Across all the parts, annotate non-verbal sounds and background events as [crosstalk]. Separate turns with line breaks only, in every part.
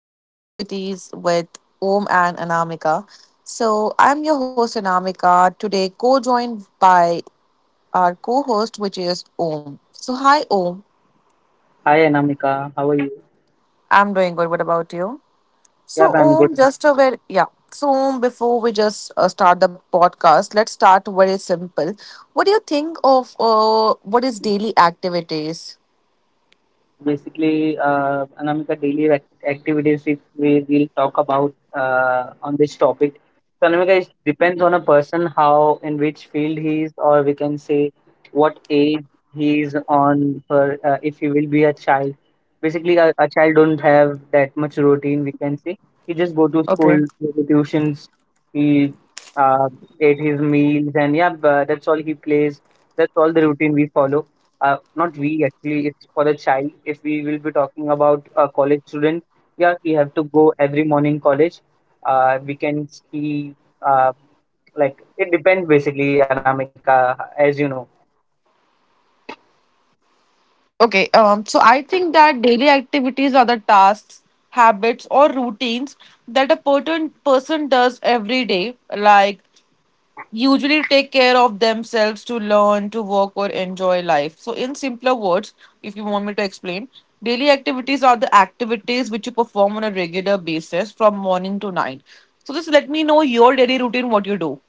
Daily activities with Om and Anamika. So, I'm your host, Anamika, today co joined by our co host, which is Om. So, hi, Om.
Hi Anamika, how are you?
I'm doing good. What about you?
Yeah,
So,
I'm good.
Om, just a very, yeah. So, Om, before we just start the podcast, let's start very simple. What do you think of what is daily activities?
Basically, Anamika, activities, if we will talk about on this topic. So, Anamika, it depends on a person how, in which field he is, or we can say what age he is on, for, if he will be a child. Basically, a child don't have that much routine, we can say. He just go to school,
Okay.
go to tuitions, he uh, ate his meals, and yeah, but that's all he plays. That's all the routine we follow not we actually it's for the child if we will be talking about a college student. Yeah, we have to go every morning college. We can see, uh, like it depends basically, Anamika, as you know.
Okay, so I think that daily activities are the tasks, habits, or routines that a certain person does every day, like usually take care of themselves to learn, to work, or enjoy life. So, in simpler words, if you want me to explain, daily activities are the activities which you perform on a regular basis from morning to night. So, just let me know your daily routine, what you do.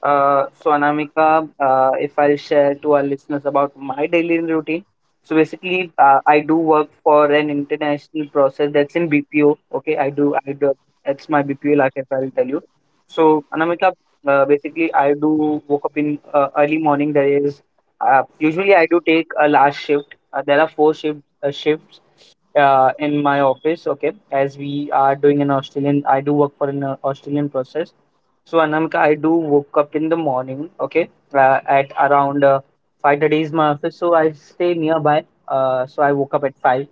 So Anamika, if I'll share to our listeners about my daily routine. So basically, I do work for an international process that's in BPO. Okay, I do, that's my BPO life, if I'll tell you. So Anamika, basically, I do woke up in early morning. There is usually I do take a last shift. There are four shifts in my office. Okay, as we are doing an Australian, I do work for an Australian process. So Anamika, I do woke up in the morning, okay, at around 5:30 is my office, so I stay nearby. So I woke up at five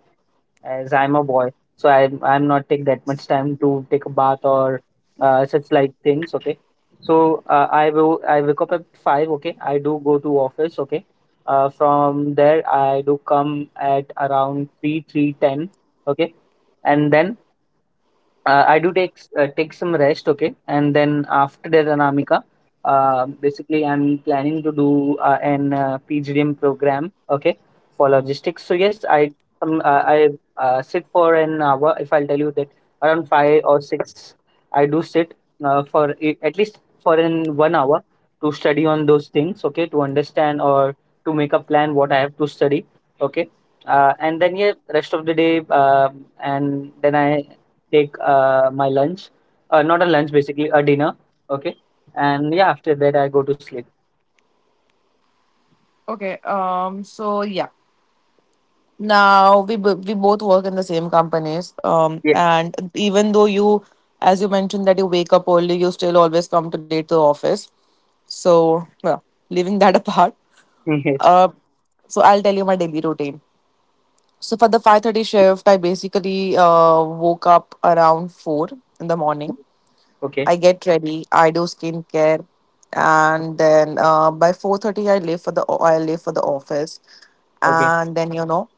as I'm a boy, so I'm not take that much time to take a bath or such like things, okay. So I wake up at five, okay. I do go to office, okay. From there I do come at around three ten, okay, and then I do take some rest, okay, and then after that, Anamika, basically I'm planning to do an PGDM program, okay, for logistics. So yes, I sit for an hour. If I'll tell you that around five or six, I do sit at least for an 1 hour to study on those things, okay, to understand or to make a plan what I have to study, okay. And then yeah, rest of the day, and then I take my lunch, not a lunch, basically a dinner. Okay, and yeah, after that I go to sleep.
Okay, so yeah. Now we both work in the same companies.
Yes.
And even though as you mentioned that you wake up early, you still always come to late to the office. So well, leaving that [laughs] apart,
[laughs] yes.
uh, so I'll tell you my daily routine. So for the 5:30 shift, I basically woke up around four in the morning.
Okay.
I get ready. I do skincare, and then by 4:30, I leave for the office,
Okay.
and then you know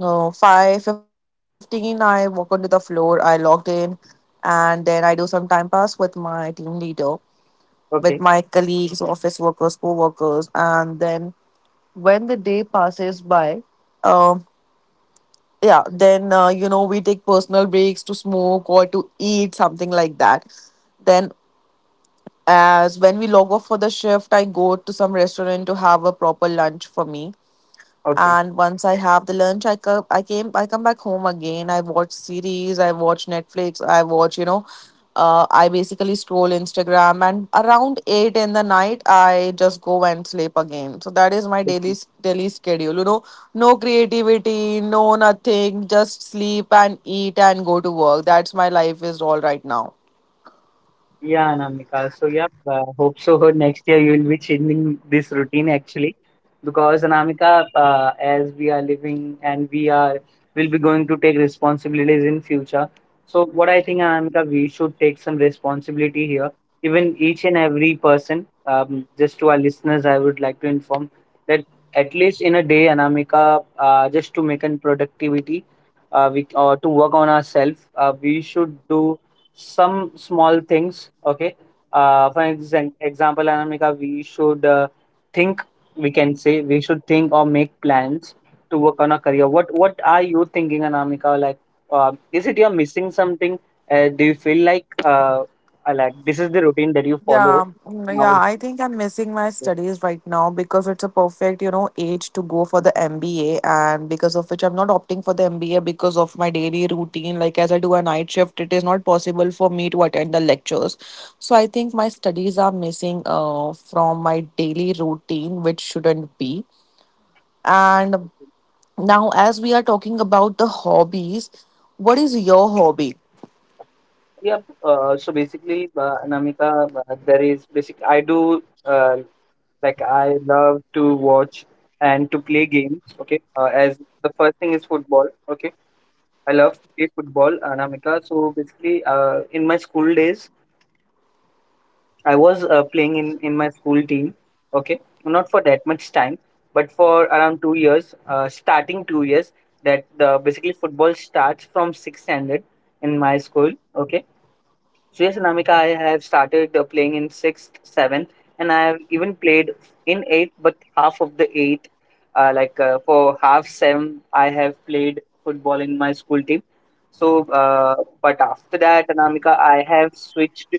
uh, 5:15 I walk onto the floor, I logged in, and then I do some time pass with my team leader, with my
Okay.
colleagues, office workers, co-workers. And then when the day passes by, um yeah, then you know, we take personal breaks to smoke or to eat something like that. Then as when we log off for the shift, I go to some restaurant to have a proper lunch for me. And once I have the lunch, I come back home again. I watch series, I watch Netflix, I watch you know I basically scroll Instagram, and around 8 in the night I just go and sleep again. So that is my
Okay.
daily schedule, you know, no creativity, no nothing, just sleep and eat and go to work. That's my life is all right now.
Yeah, Anamika. So, yeah, hope so. [laughs] Next year you will be changing this routine actually, because Anamika, as we are living and we are will be going to take responsibilities in future. So, what I think, Anamika, we should take some responsibility here. Even each and every person, just to our listeners, I would like to inform that at least in a day, Anamika, just to make an productivity, we or to work on ourselves, we should do some small things, okay. For example, Anamika, we should think, we can say we should think or make plans to work on a career. What are you thinking, Anamika? Like, is it you're missing something? Do you feel like this is the routine that you follow
Yeah, yeah,
nowadays?
I think I'm missing my studies right now because it's a perfect, you know, age to go for the
[laughs]
MBA, and because of which I'm not opting for the MBA because of my daily routine. Like, as I do a night shift, it is not possible for me to attend the lectures. So I think my studies are missing from my daily routine, which shouldn't be. And now as we are talking about the hobbies, what is your hobby?
Yep. So basically, Anamika, there is basic I do uh, Like I love to watch and to play games. Okay, as the first thing is football. Okay, I love to play football, Anamika. So basically, in my school days, I was playing in my school team. Okay, not for that much time, but for around 2 years, starting 2 years. That basically football starts from sixth standard in my school. Okay. Yes, Anamika, I have started playing in sixth, seventh, and I have even played in eighth, but half of the eighth, for half seven, I have played football in my school team. So, but after that, Anamika, I have switched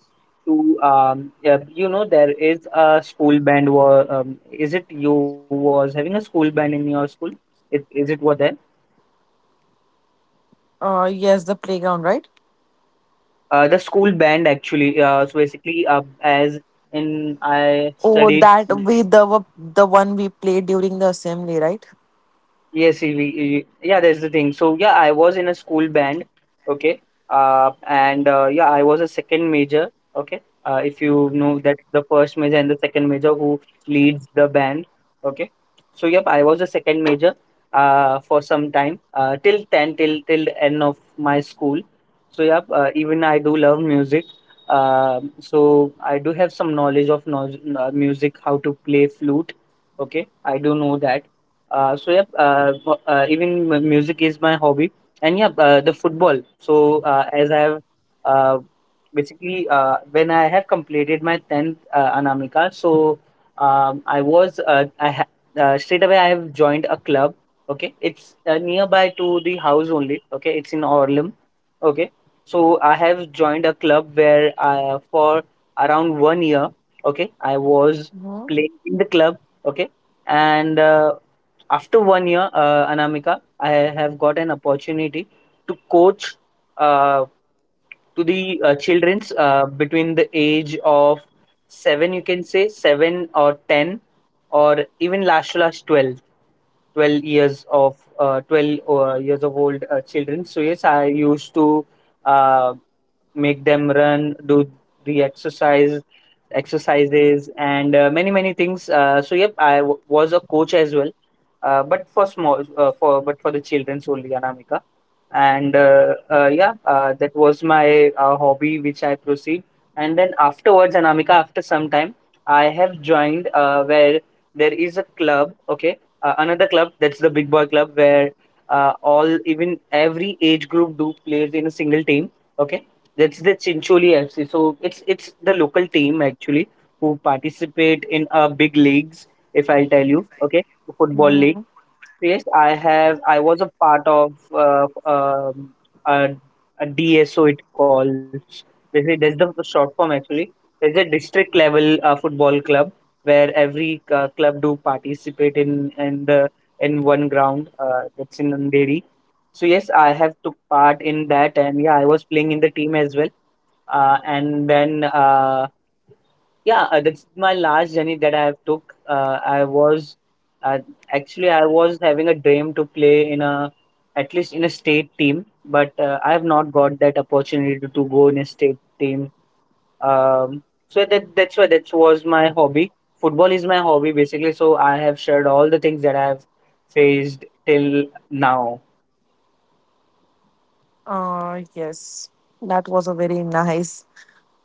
to, yeah, you know, there is a school band. War, is it you was having a school band in your school? Is it were there?
Yes, the playground, right?
The school band actually. So basically, as in I
Oh,
studied.
that we the one we played during the assembly, right?
Yes, yeah, that's the thing. So yeah, I was in a school band, okay, and yeah, I was a second major, okay. If you know that the first major and the second major who leads the band, okay. So yep, I was a second major for some time till 10 till the end of my school. So yep, even I do love music. So I do have some knowledge of music, how to play flute. Okay, I do know that, so yeah, even music is my hobby, and yeah, the football. So as I have uh, basically when I have completed my tenth, Anamika, so I was straight away I have joined a club. Okay, it's nearby to the house only. Okay, it's in Orlam. Okay, so I have joined a club where for around 1 year. Okay, I was playing in the club. Okay. And after 1 year, Anamika, I have got an opportunity to coach uh, to the children's between the age of seven, you can say seven or ten, or even last to last 12, 12 years of twelve years of old children. So yes, I used to uh, make them run, do the exercises and many many things. So yep, I was a coach as well, but for the children solely, Anamika. And yeah, that was my hobby which I proceed. And then afterwards, Anamika, after some time, I have joined where there is a club. Okay, another club, that's the Big Boy Club, where all even every age group do plays in a single team, okay, that's the Chincholi FC. So it's the local team actually who participate in big leagues. If I'll tell you, okay, the football
Mm-hmm.
league. So yes, I have. I was a part of a, a DSO. It calls. Basically, that's the short form actually. It's a district level football club where every club do participate in the in one ground. That's in Andheri. So yes, I have took part in that, and yeah, I was playing in the team as well, and then yeah, that's my last journey that I have took. I was uh, actually I was having a dream to play in a, at least in a state team, but I have not got that opportunity to go in a state team. Um, so that's why that was my hobby. Football is my hobby basically. So I have shared all the things that I have faced till now.
Yes, that was a very nice,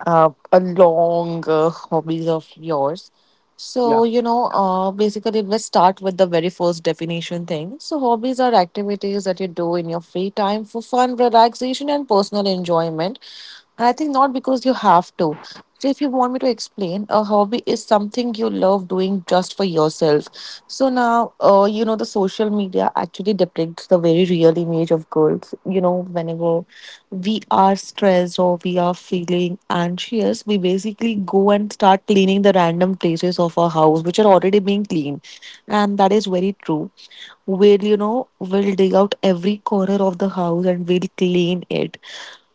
a long hobbies of yours. So, you know, basically, let's start with the very first definition thing. So hobbies are activities that you do in your free time for fun, relaxation, and personal enjoyment. And I think not because you have to. So, if you want me to explain, a hobby is something you love doing just for yourself. So now, you know, the social media actually depicts the very real image of girls. You know, whenever we are stressed or we are feeling anxious, we basically go and start cleaning the random places of our house which are already being cleaned. And that is very true. We'll, you know, we'll dig out every corner of the house and we'll clean it.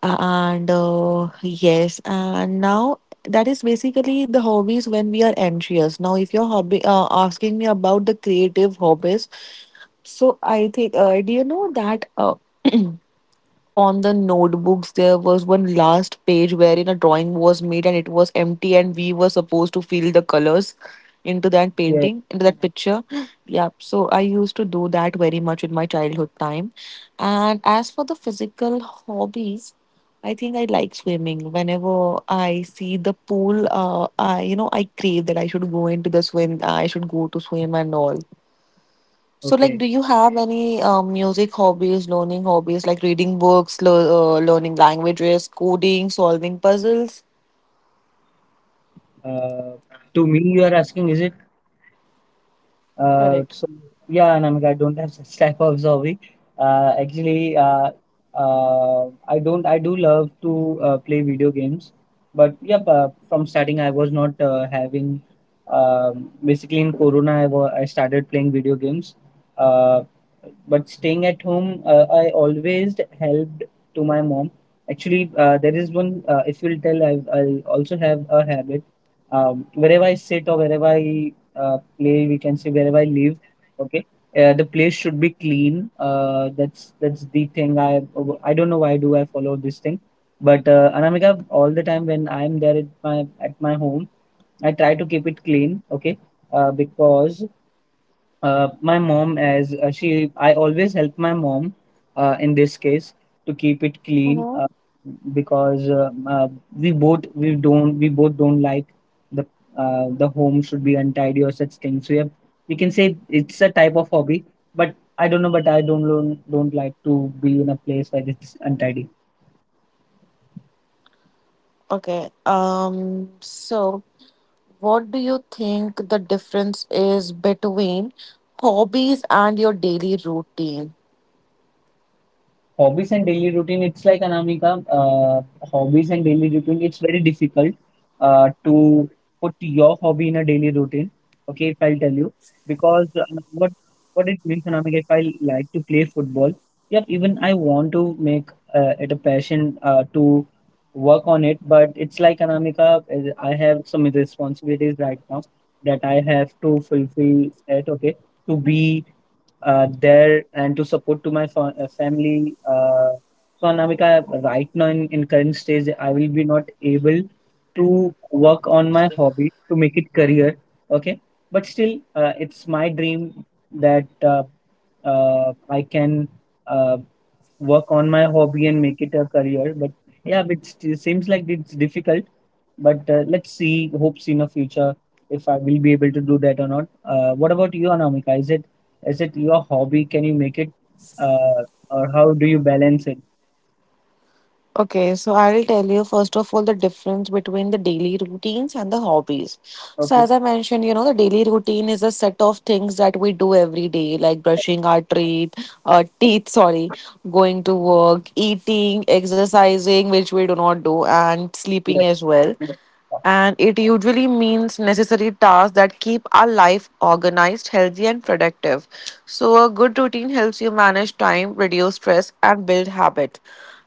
And yes, and now that is basically the hobbies when we are anxious. Now, if you're hobby asking me about the creative hobbies, so I think, do you know that? On the notebooks there was one last page wherein a drawing was made and it was empty and we were supposed to fill the colors into
Yeah.
that picture. Yeah, so I used to do that very much in my childhood time. And as for the physical hobbies, I think I like swimming. Whenever I see the pool, I you know I crave that I should go to swim and all. So, like,
Okay.
do you have any music hobbies, learning hobbies, like reading books, lo learning languages, coding, solving puzzles?
Uh, to me, you are asking, is Uh,
Correct.
so yeah, Namika, I don't have such type of hobby. Uh, actually, uh, I don't. I do love to play video games, but yeah, from starting I was not having. Basically, in Corona, I started playing video games. Uh, but staying at home, I always helped to my mom. Actually, there is one. If you'll tell, I also have a habit. Wherever I sit or wherever I play, we can say wherever I live, okay, the place should be clean. That's the thing. I don't know why do I follow this thing, but Anamika, all the time when I'm there at my home, I try to keep it clean. Okay, because my mom as she I always help my mom in this case to keep it clean, because we both we both don't like the the home should be untidy or such things. So yeah, we can say it's a type of hobby, but I don't know, but I don't like to be in a place where it's untidy.
Okay. So what do you think the difference is between hobbies and your daily routine?
Hobbies and daily routine, it's like Anamika, hobbies and daily routine, it's very difficult to put your hobby in a daily routine. Okay, if I'll tell you, because what it means, Anamika, if I like to play football, yep, even I want to make it a passion to work on it. But it's like Anamika, I have some responsibilities right now that I have to fulfill it, okay, to be there and to support to my family. So Anamika, right now in current stage, I will be not able to work on my hobby to make it career. Okay, but still, it's my dream that I can. Uh, Work on my hobby and make it a career. But yeah, but it seems like it's difficult. But let's see, hopes in the future if I will be able to do that or not. What about you, Anamika? Is it? Is it your hobby? Can you make it, uh, or how do you balance it?
Okay, so I'll tell you first of all the difference between the daily routines and the hobbies. So,
Okay.
as I mentioned, you know, the daily routine is a set of things that we do every day, like brushing our teeth, sorry, going to work, eating, exercising, which we do not do, and
Yeah.
sleeping as well. And it usually means necessary tasks that keep our life organized, healthy, and productive. So, a good routine helps you manage time, reduce stress, and build habit.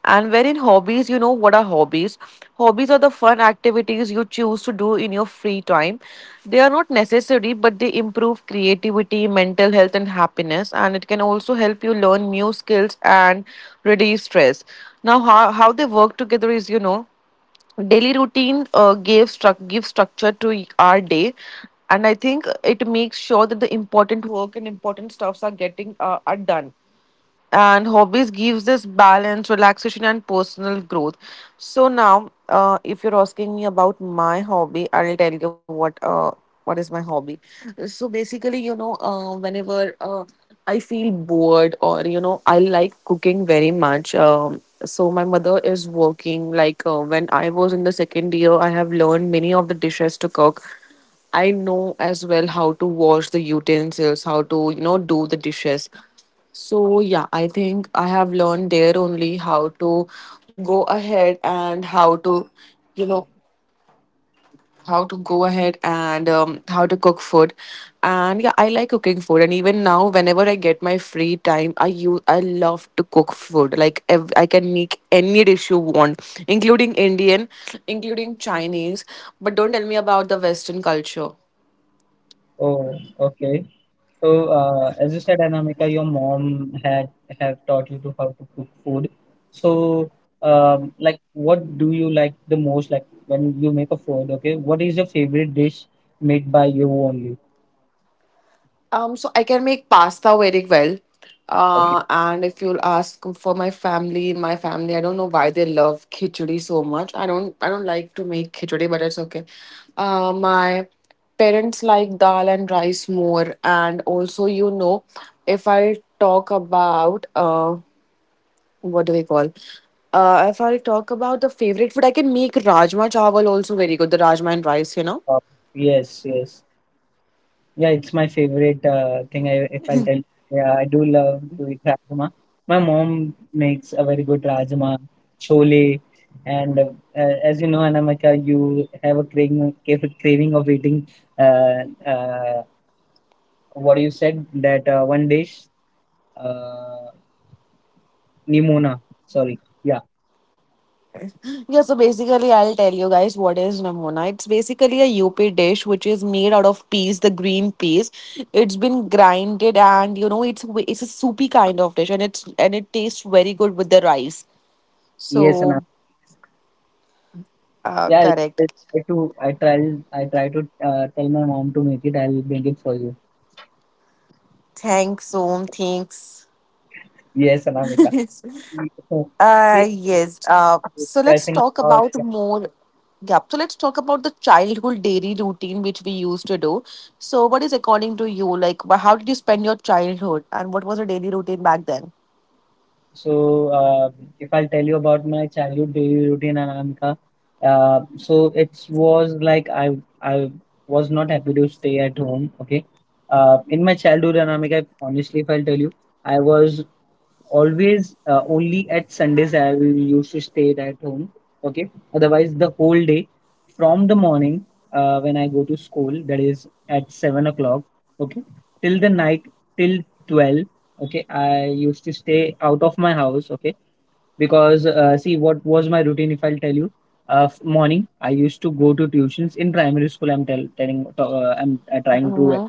And wherein hobbies, you know what are hobbies? Hobbies are the fun activities you choose to do in your free time. They are not necessary, but they improve creativity, mental health, and happiness. And it can also help you learn new skills and reduce stress. Now, how they work together is, you know, daily routine gives structure to our day, and I think it makes sure that the important work and important stuffs are getting are done. And hobbies gives us balance, relaxation, and personal growth. So now, if you're asking me about my hobby, I'll tell you what is my hobby. So basically, you know, whenever I feel bored, or you know, I like cooking very much. So my mother is working, like when I was in the second year, I have learned many of the dishes to cook. I know as well how to wash the utensils, how to, you know, do the dishes. So, yeah, I think I have learned there only how to go ahead and how to, you know, how to cook food. And yeah, I like cooking food. And even now, whenever I get my free time, I love to cook food. Like, I can make any dish you want, including Indian, including Chinese. But don't tell me about the Western culture.
Oh, okay. So, as you said, Anamika, your mom had have taught you to how to cook food. So, like, what do you like the most? Like, when you make a food, okay, what is your favorite dish made by you only?
So I can make pasta very well.
Okay.
And if you'll ask for my family, in my family, I don't know why they love khichdi so much. I don't like to make khichdi, but it's okay. My parents like dal and rice more, and also, you know, if I talk about what do we call? If I talk about the favorite food, I can make rajma chawal also very good. The rajma and rice, you know.
Uh, yes, yes. Yeah, it's my favorite thing. If I'll tell, yeah, I do love to eat rajma. My mom makes a very good rajma, chole, and as you know, Anamika, you have a craving, craving of eating. Uh, uh, what you said that one dish, uh, nimona. Sorry, yeah,
Yeah, so basically, I'll tell you guys what is namona. It's basically a UP dish which is made out of peas, the green peas. It's been grinded, and you know, it's a soupy kind of dish, and it tastes very good with the rice. So,
yes, and yeah.
correct.
I too, I try to tell my mom to make it. I'll make it for you.
Thanks, Om. Thanks.
Yes, Anamika.
[laughs]
So, so yeah.
Yes. So let's
Discussing
talk
about
about
yeah.
more. Yeah. So let's talk about the childhood daily routine which we used to do. So what is according to you? Like, how did you spend your childhood, and what was your daily routine back then?
So if I'll tell you about my childhood daily routine, Anamika, so it was like I was not happy to stay at home. Okay, in my childhood, Anamika, honestly, if I'll tell you, I was always only at sundays I will used to stay at home, okay? Otherwise the whole day from the morning, when I go to school, that is at 7 o'clock, okay, till the night, till 12, okay, I used to stay out of my house, okay, because see what was my routine if I'll tell you. Morning I used to go to tuitions in primary school. I'm trying to
Mm-hmm.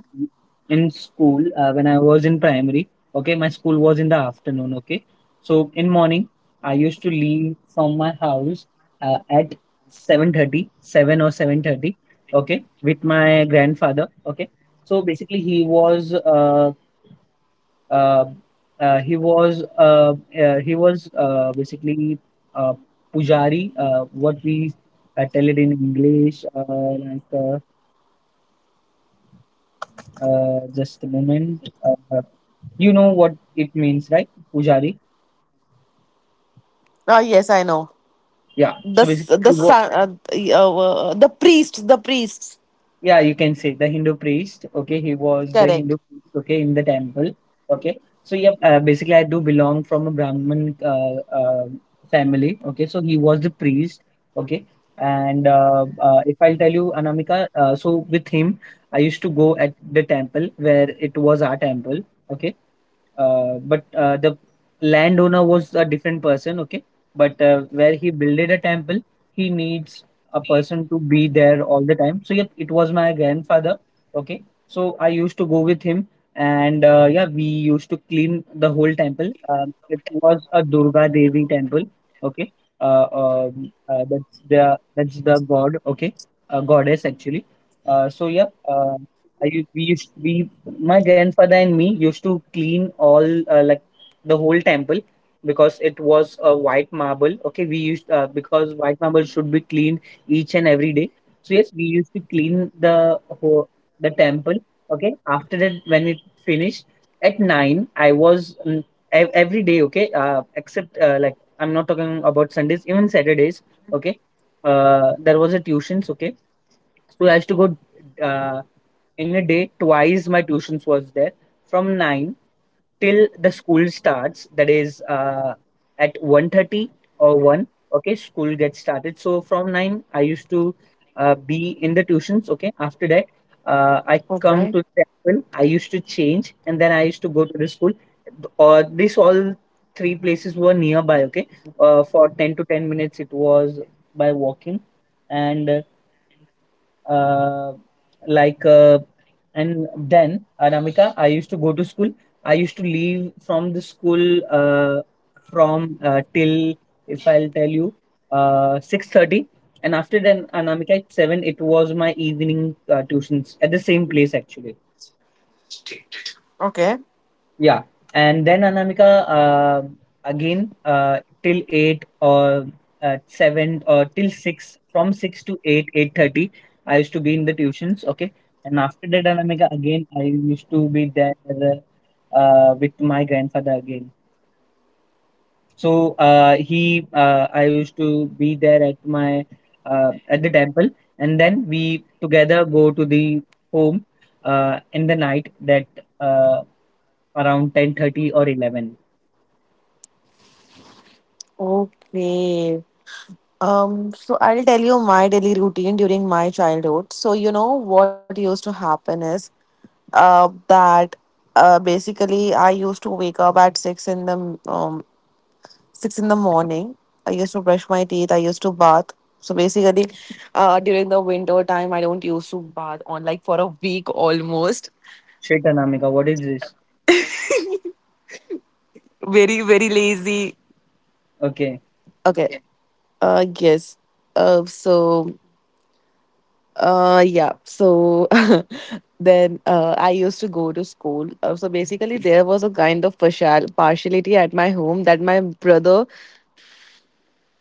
in school, when I was in primary, okay, my school was in the afternoon, okay? So in morning I used to leave from my house at seven thirty, seven or 7:30, okay, with my grandfather, okay. So basically he was uh, uh, he was uh, he was basically uh, pujari, what we tell it in english, just a moment, you know what it means, right? Pujari,
Oh yes, I know.
yeah, so basically
The the priest, the priests.
yeah, you can say the Hindu priest. Okay, he was the Hindu
Correct.
priest. Okay, in the temple. Okay, so yeah, basically I do belong from a Brahmin family. Okay, so he was the priest. Okay, and if I'll tell you, Anamika, so with him I used to go at the temple where it was our temple. Okay, but the landowner was a different person, okay? But where he builded a temple, he needs a person to be there all the time. So, yep, it was my grandfather, okay? So, I used to go with him, and yeah, we used to clean the whole temple. It was a Durga Devi temple, okay? Uh, that's the god, okay? Goddess actually. So, yep, I u- we used we my grandfather and me used to clean all, uh, like the whole temple, because it was a white marble, okay? we used Because white marble should be cleaned each and every day. So yes, we used to clean the whole the temple, okay? After that, when it finished at 9, I was every day, okay, except, I'm not talking about sundays, even saturdays, okay, there was a tuitions, okay. So I used to go, uh, in a day twice my tuitions was there, from 9 till the school starts, that is at 1:30 or 1, okay, school gets started. So from 9 I used to be in the tuitions, okay. After that, I come to
Okay.
the temple, I used to change, and then I used to go to the school, or these all three places were nearby, okay, for 10 to 10 minutes it was by walking. And uh, like uh, and then Anamika, I used to go to school. I used to leave from the school from till, if I'll tell you, 6:30, and after then Anamika at seven. It was my evening tuitions at the same place actually.
Okay.
Yeah, and then Anamika, again till eight or seven or till six, from six to eight, 8:30, I used to be in the tuitions. Okay, and after that, Anamika, again I used to be there with my grandfather again. So I used to be there at my at the temple, and then we together go to the home in the night, that uh, around 10:30 or 11.
Okay. So I'll tell you my daily routine during my childhood. So, you know, what used to happen is that basically I used to wake up at six in the morning. I used to brush my teeth. I used to bath. So basically, during the winter time, I don't used to bath on like for a week almost.
Shaitanamika, what is this?
Very, very lazy.
Okay.
Okay. Yes. Uh, so yeah. So [laughs] then I used to go to school. So basically, there was a kind of partiality at my home that my brother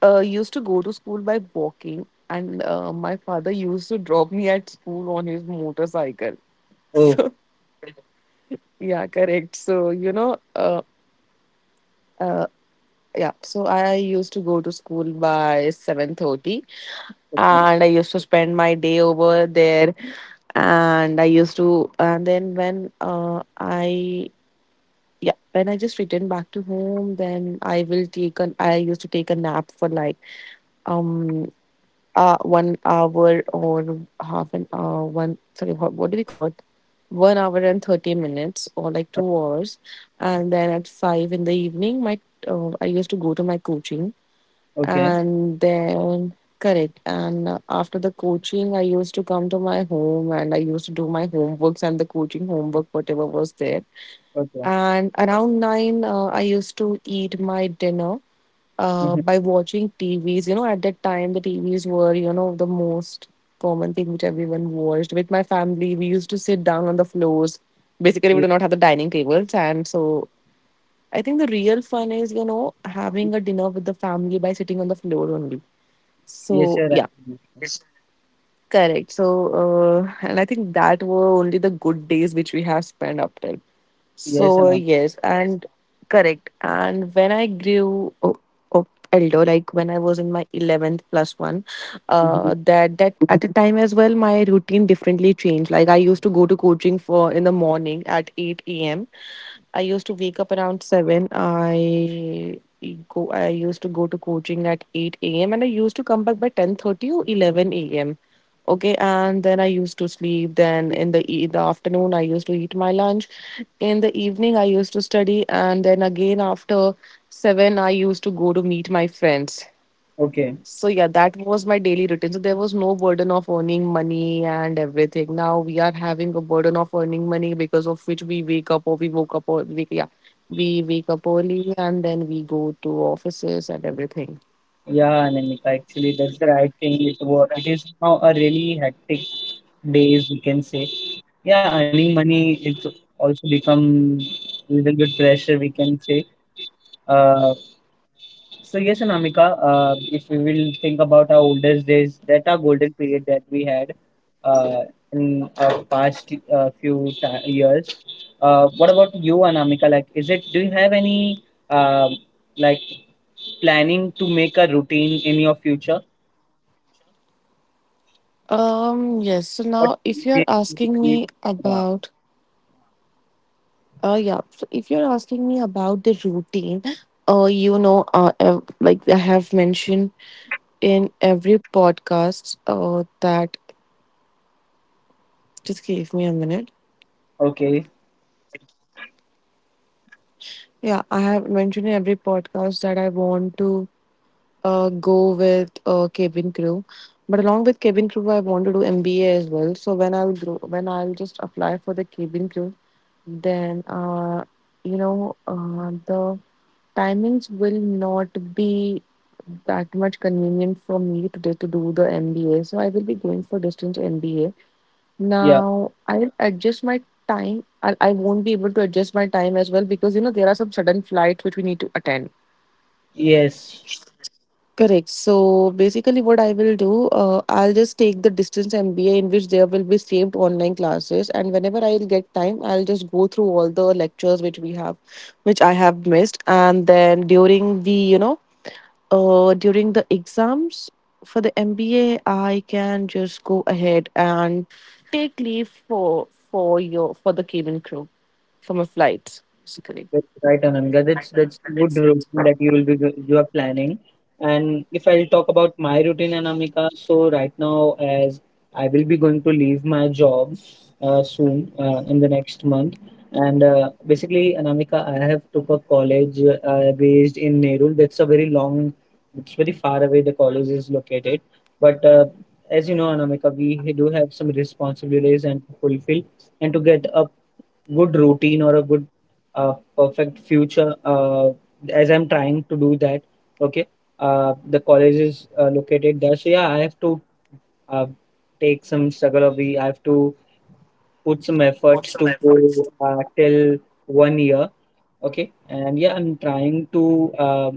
used to go to school by walking, and my father used to drop me at school on his motorcycle. [laughs]
Oh,
So yeah, correct. Uh, yeah so I used to go to school by 7:30,
okay.
and I used to spend my day over there. And I used to and then, when I yeah when I just returned back to home, then I used to take a nap for like um 1 hour or half an hour, one sorry, what do we call it, 1 hour and 30 minutes, or like
Uh,
2 hours. And then at 5 in the evening, my I used to go to my coaching.
okay.
And then, correct. And after the coaching, I used to come to my home, and I used to do my homeworks and the coaching homework, whatever was there.
Okay.
And around 9, I used to eat my dinner
Mhm.
by watching TVs. At that time, the TVs were the most common thing which everyone watched. With my family, we used to sit down on the floors. Basically, we do
Ye-
not have the dining tables. And so I think the real fun is having a dinner with the family by sitting on the floor only.
Yes,
So,
sir.
yeah.
Anamika.
Correct. So, and I think that were only the good days which we have spent up till.
Yes,
So,
Anamika.
yes, and correct. And when I grew o- elder, like when I was in my 11th plus one,
Mhm.
that, that at the time as well, my routine differently changed. Like I used to go to coaching for in the morning at 8 a.m. I used to wake up around 7. I used to go to coaching at 8 a.m., and I used to come back by 10:30 or 11 a.m. Okay. And then I used to sleep. Then in the the afternoon, I used to eat my lunch. In the evening, I used to study, and then again after 7, I used to go to meet my friends.
Okay.
So, yeah, that was my daily routine. So there was no burden of earning money and everything. Now we are having a burden of earning money, because of which we wake up, or we woke up, or we, yeah, we wake up early, and then we go to offices and everything.
Yeah, Anamika. Actually, that's the right thing. It was. It is now a really hectic days. We can say. Yeah, earning money. It's also become a little bit pressure. We can say. Uh, So yes, Anamika, if we will think about our oldest days, that our golden period that we had uh, in our past few ti years. What about you, Anamika? Like, is it? Do you have any um like planning to make a routine in your future?
Yes. So
What
now, if you're
changes you
asking
will make?
me
Uh,
about yeah. So if you're asking me about the routine, like I have mentioned in every podcast, that, just give me a minute.
okay.
Yeah, I have mentioned in every podcast that I want to go with crew, but along with cabin crew, I want to do MBA as well. So when I'll grow, when I'll just apply for the cabin crew, then the timings will not be that much convenient for me today to do the MBA. So I will be going for distance MBA.
Yeah.
Now I'll adjust my time. I won't be able to adjust my time as well, because you know there are some sudden flights which we need to attend.
Yes.
Correct. So basically, what I will do, I'll just take the distance MBA, in which there will be saved online classes, and whenever I'll get time, I'll just go through all the lectures which we have, which I have missed. And then during the exams for the MBA, I can just go ahead and take leave for the cabin crew, for my flight, basically.
That's right, Ananga. That's a good routine that you will be go- you are planning. And if I'll talk about my routine, Anamika, so right now as I will be going to leave my job soon in the next month, and basically, Anamika, I have took a college based in Nerul. That's a very long, it's very far away. The college is located, but as you know, Anamika, we do have some responsibilities and to fulfill, and to get a good routine or a good perfect future, as I'm trying to do that, okay. The college is located there, so yeah, I have to uh, take some struggle of We I have to put some efforts to go till 1 year. Okay. And yeah, I'm trying to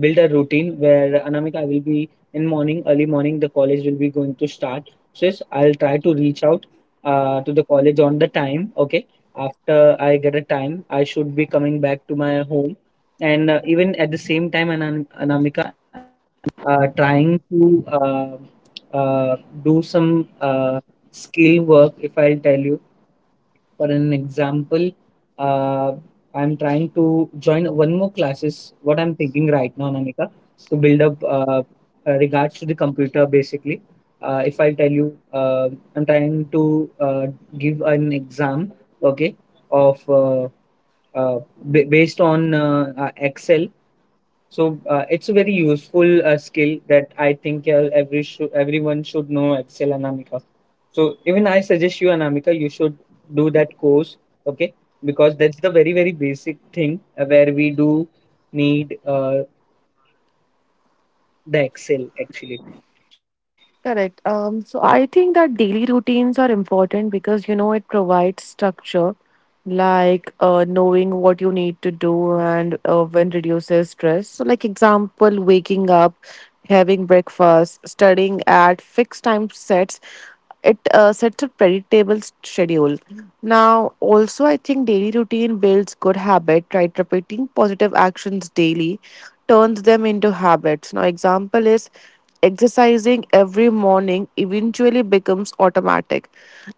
build a routine where Anamika, I will be in morning, early morning, the college will be going to start. So yes, I'll try to reach out to the college on the time. Okay. After I get a time, I should be coming back to my home. And even at the same time, Anamika, trying to uh, do some skill work, if I'll tell you, for an example, uh, I'm trying to join one more classes what I'm thinking right now, Namika, to build up regards to the computer basically. If I'll tell you, I'm trying to give an exam, okay, of uh, based on excel. So it's a very useful skill that I think everyone should know excel. And so even I suggest you, Anamika, you should do that course, okay? Because that's the very, very basic thing where we do need the Excel actually.
Correct. So I think that daily routines are important, because you know it provides structure, like knowing what you need to do, and when reduces stress. So, like example, waking up, having breakfast, studying at fixed time sets. It sets a predictable schedule. Now, also, I think daily routine builds good habit, right? Repeating positive actions daily turns them into habits. Now, example is exercising every morning eventually becomes automatic.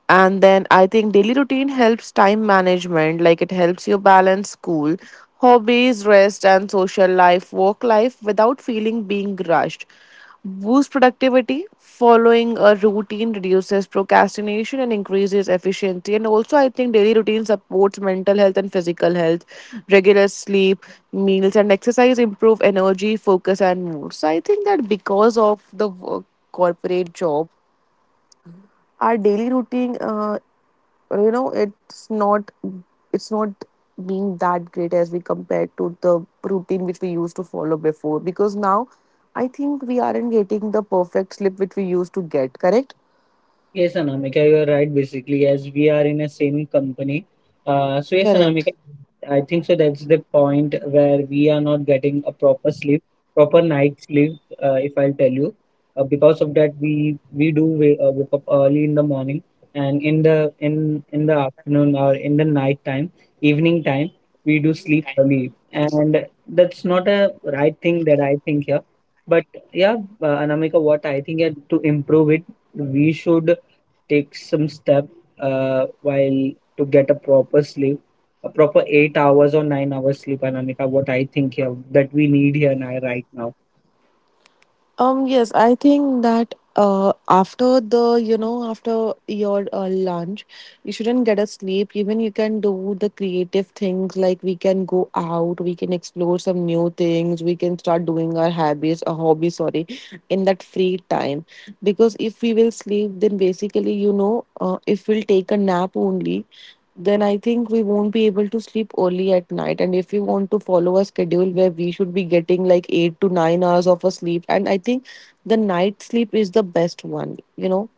And then I think daily routine helps time management, like it helps you balance school, hobbies, rest, and social life, work life without feeling being rushed boosts productivity. Following a routine reduces procrastination and increases efficiency. And also, I think daily routine supports mental health and physical health. Regular sleep, meals, and exercise improve energy, focus, and mood. So I think that because of the work, corporate job, our daily routine it's not being that great as we compare to the routine which we used to follow before, because now I think we aren't getting the perfect sleep which we used to get. Correct.
Yes, Anamika, you're right. Basically, as we are in a same company, so yes, Anamika,
Correct.
I think so. That's the point where we are not getting a proper sleep, proper night sleep. If I'll tell you, because of that, we do wake up early in the morning, and in the afternoon, or in the night time, evening time, we do sleep early, and that's not a right thing that I think here. But yeah, Anamika, what I think, yeah, to improve it, we should take some step while to get a proper sleep, a proper 8 hours or 9 hours sleep, Anamika, what I think here that we need here now right now.
Yes, I think that after your lunch, you shouldn't get a sleep. Even you can do the creative things, like we can go out, we can explore some new things, we can start doing our hobbies, a hobby, sorry, in that free time. Because if we will sleep, then basically, if we'll take a nap only, then I think we won't be able to sleep early at night. And if we want to follow a schedule where we should be getting like 8 to 9 hours of a sleep, and I think the night sleep is the best one.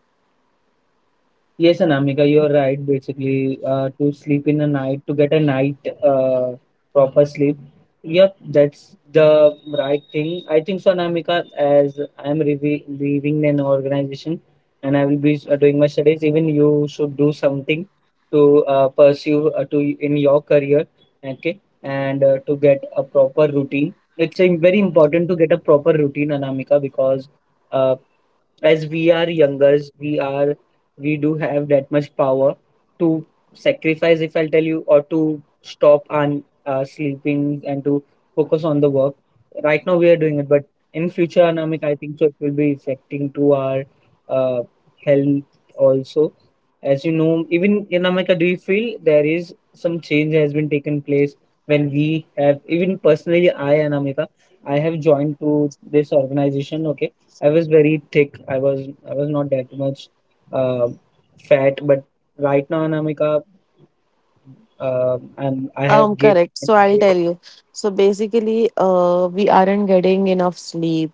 Yes, Anamika, you're right. Basically, to sleep in a night, to get a night uh, proper sleep. Yep, that's the right thing. I think so, Anamika, as leaving an organization and I will be doing my studies, even you should do something to pursue to in your career, okay, and to get a proper routine. It's very important to get a proper routine, Anamika, because uh, as we are younger we do have that much power to sacrifice, if I'll tell you, or to stop on sleeping and to focus on the work right now. We are doing it, but in future, Anamik, I think so it will be affecting to our uh, health also. As you know, even in america, do you feel there is some change has been taken place when we have, even personally, I and america, I have joined to this organization, okay? I was very thick. I was not that much uh, fat, but right now, Anamika, I have gained
Correct. So I'll
weight.
tell you. So basically, we aren't getting enough sleep.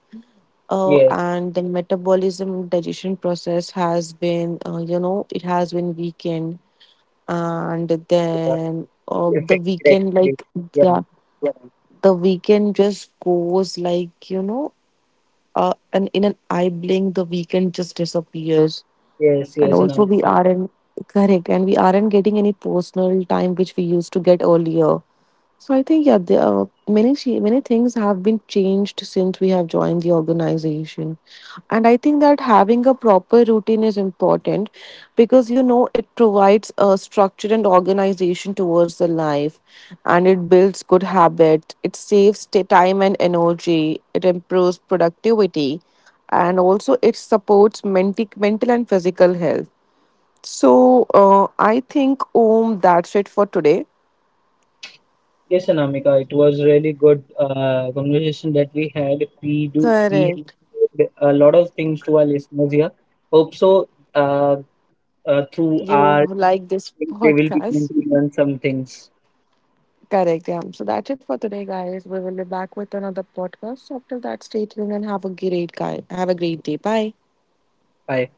Uh,
Yes,
and the metabolism digestion process has been, you know, it has been weakened. And
yeah,
then
affected actually. Yeah,
yeah, the weekend just goes like, and in an eye blink the weekend just disappears.
yes,
And
yes,
also
Anamika.
we aren't. Correct. And we aren't getting any personal time which we used to get earlier. So I think, yeah, many many things have been changed since we have joined the organization. And I think that having a proper routine is important, because you know it provides a structure and organization towards the life, and it builds good habits. It saves time and energy. It improves productivity, and also it supports mental and physical health. So I think, Om, that's it for today.
Yes, Anamika. It was really good conversation that we had. We
Correct.
have a lot of things to our listeners here. Hope so. Uh, through
You
our,
like this [laughs]
they will be
podcast.
going to learn some things.
Correct, yeah. So that's it for today, guys. We will be back with another podcast. So after that, stay tuned and have a great guy. Have a great day. Bye.
Bye.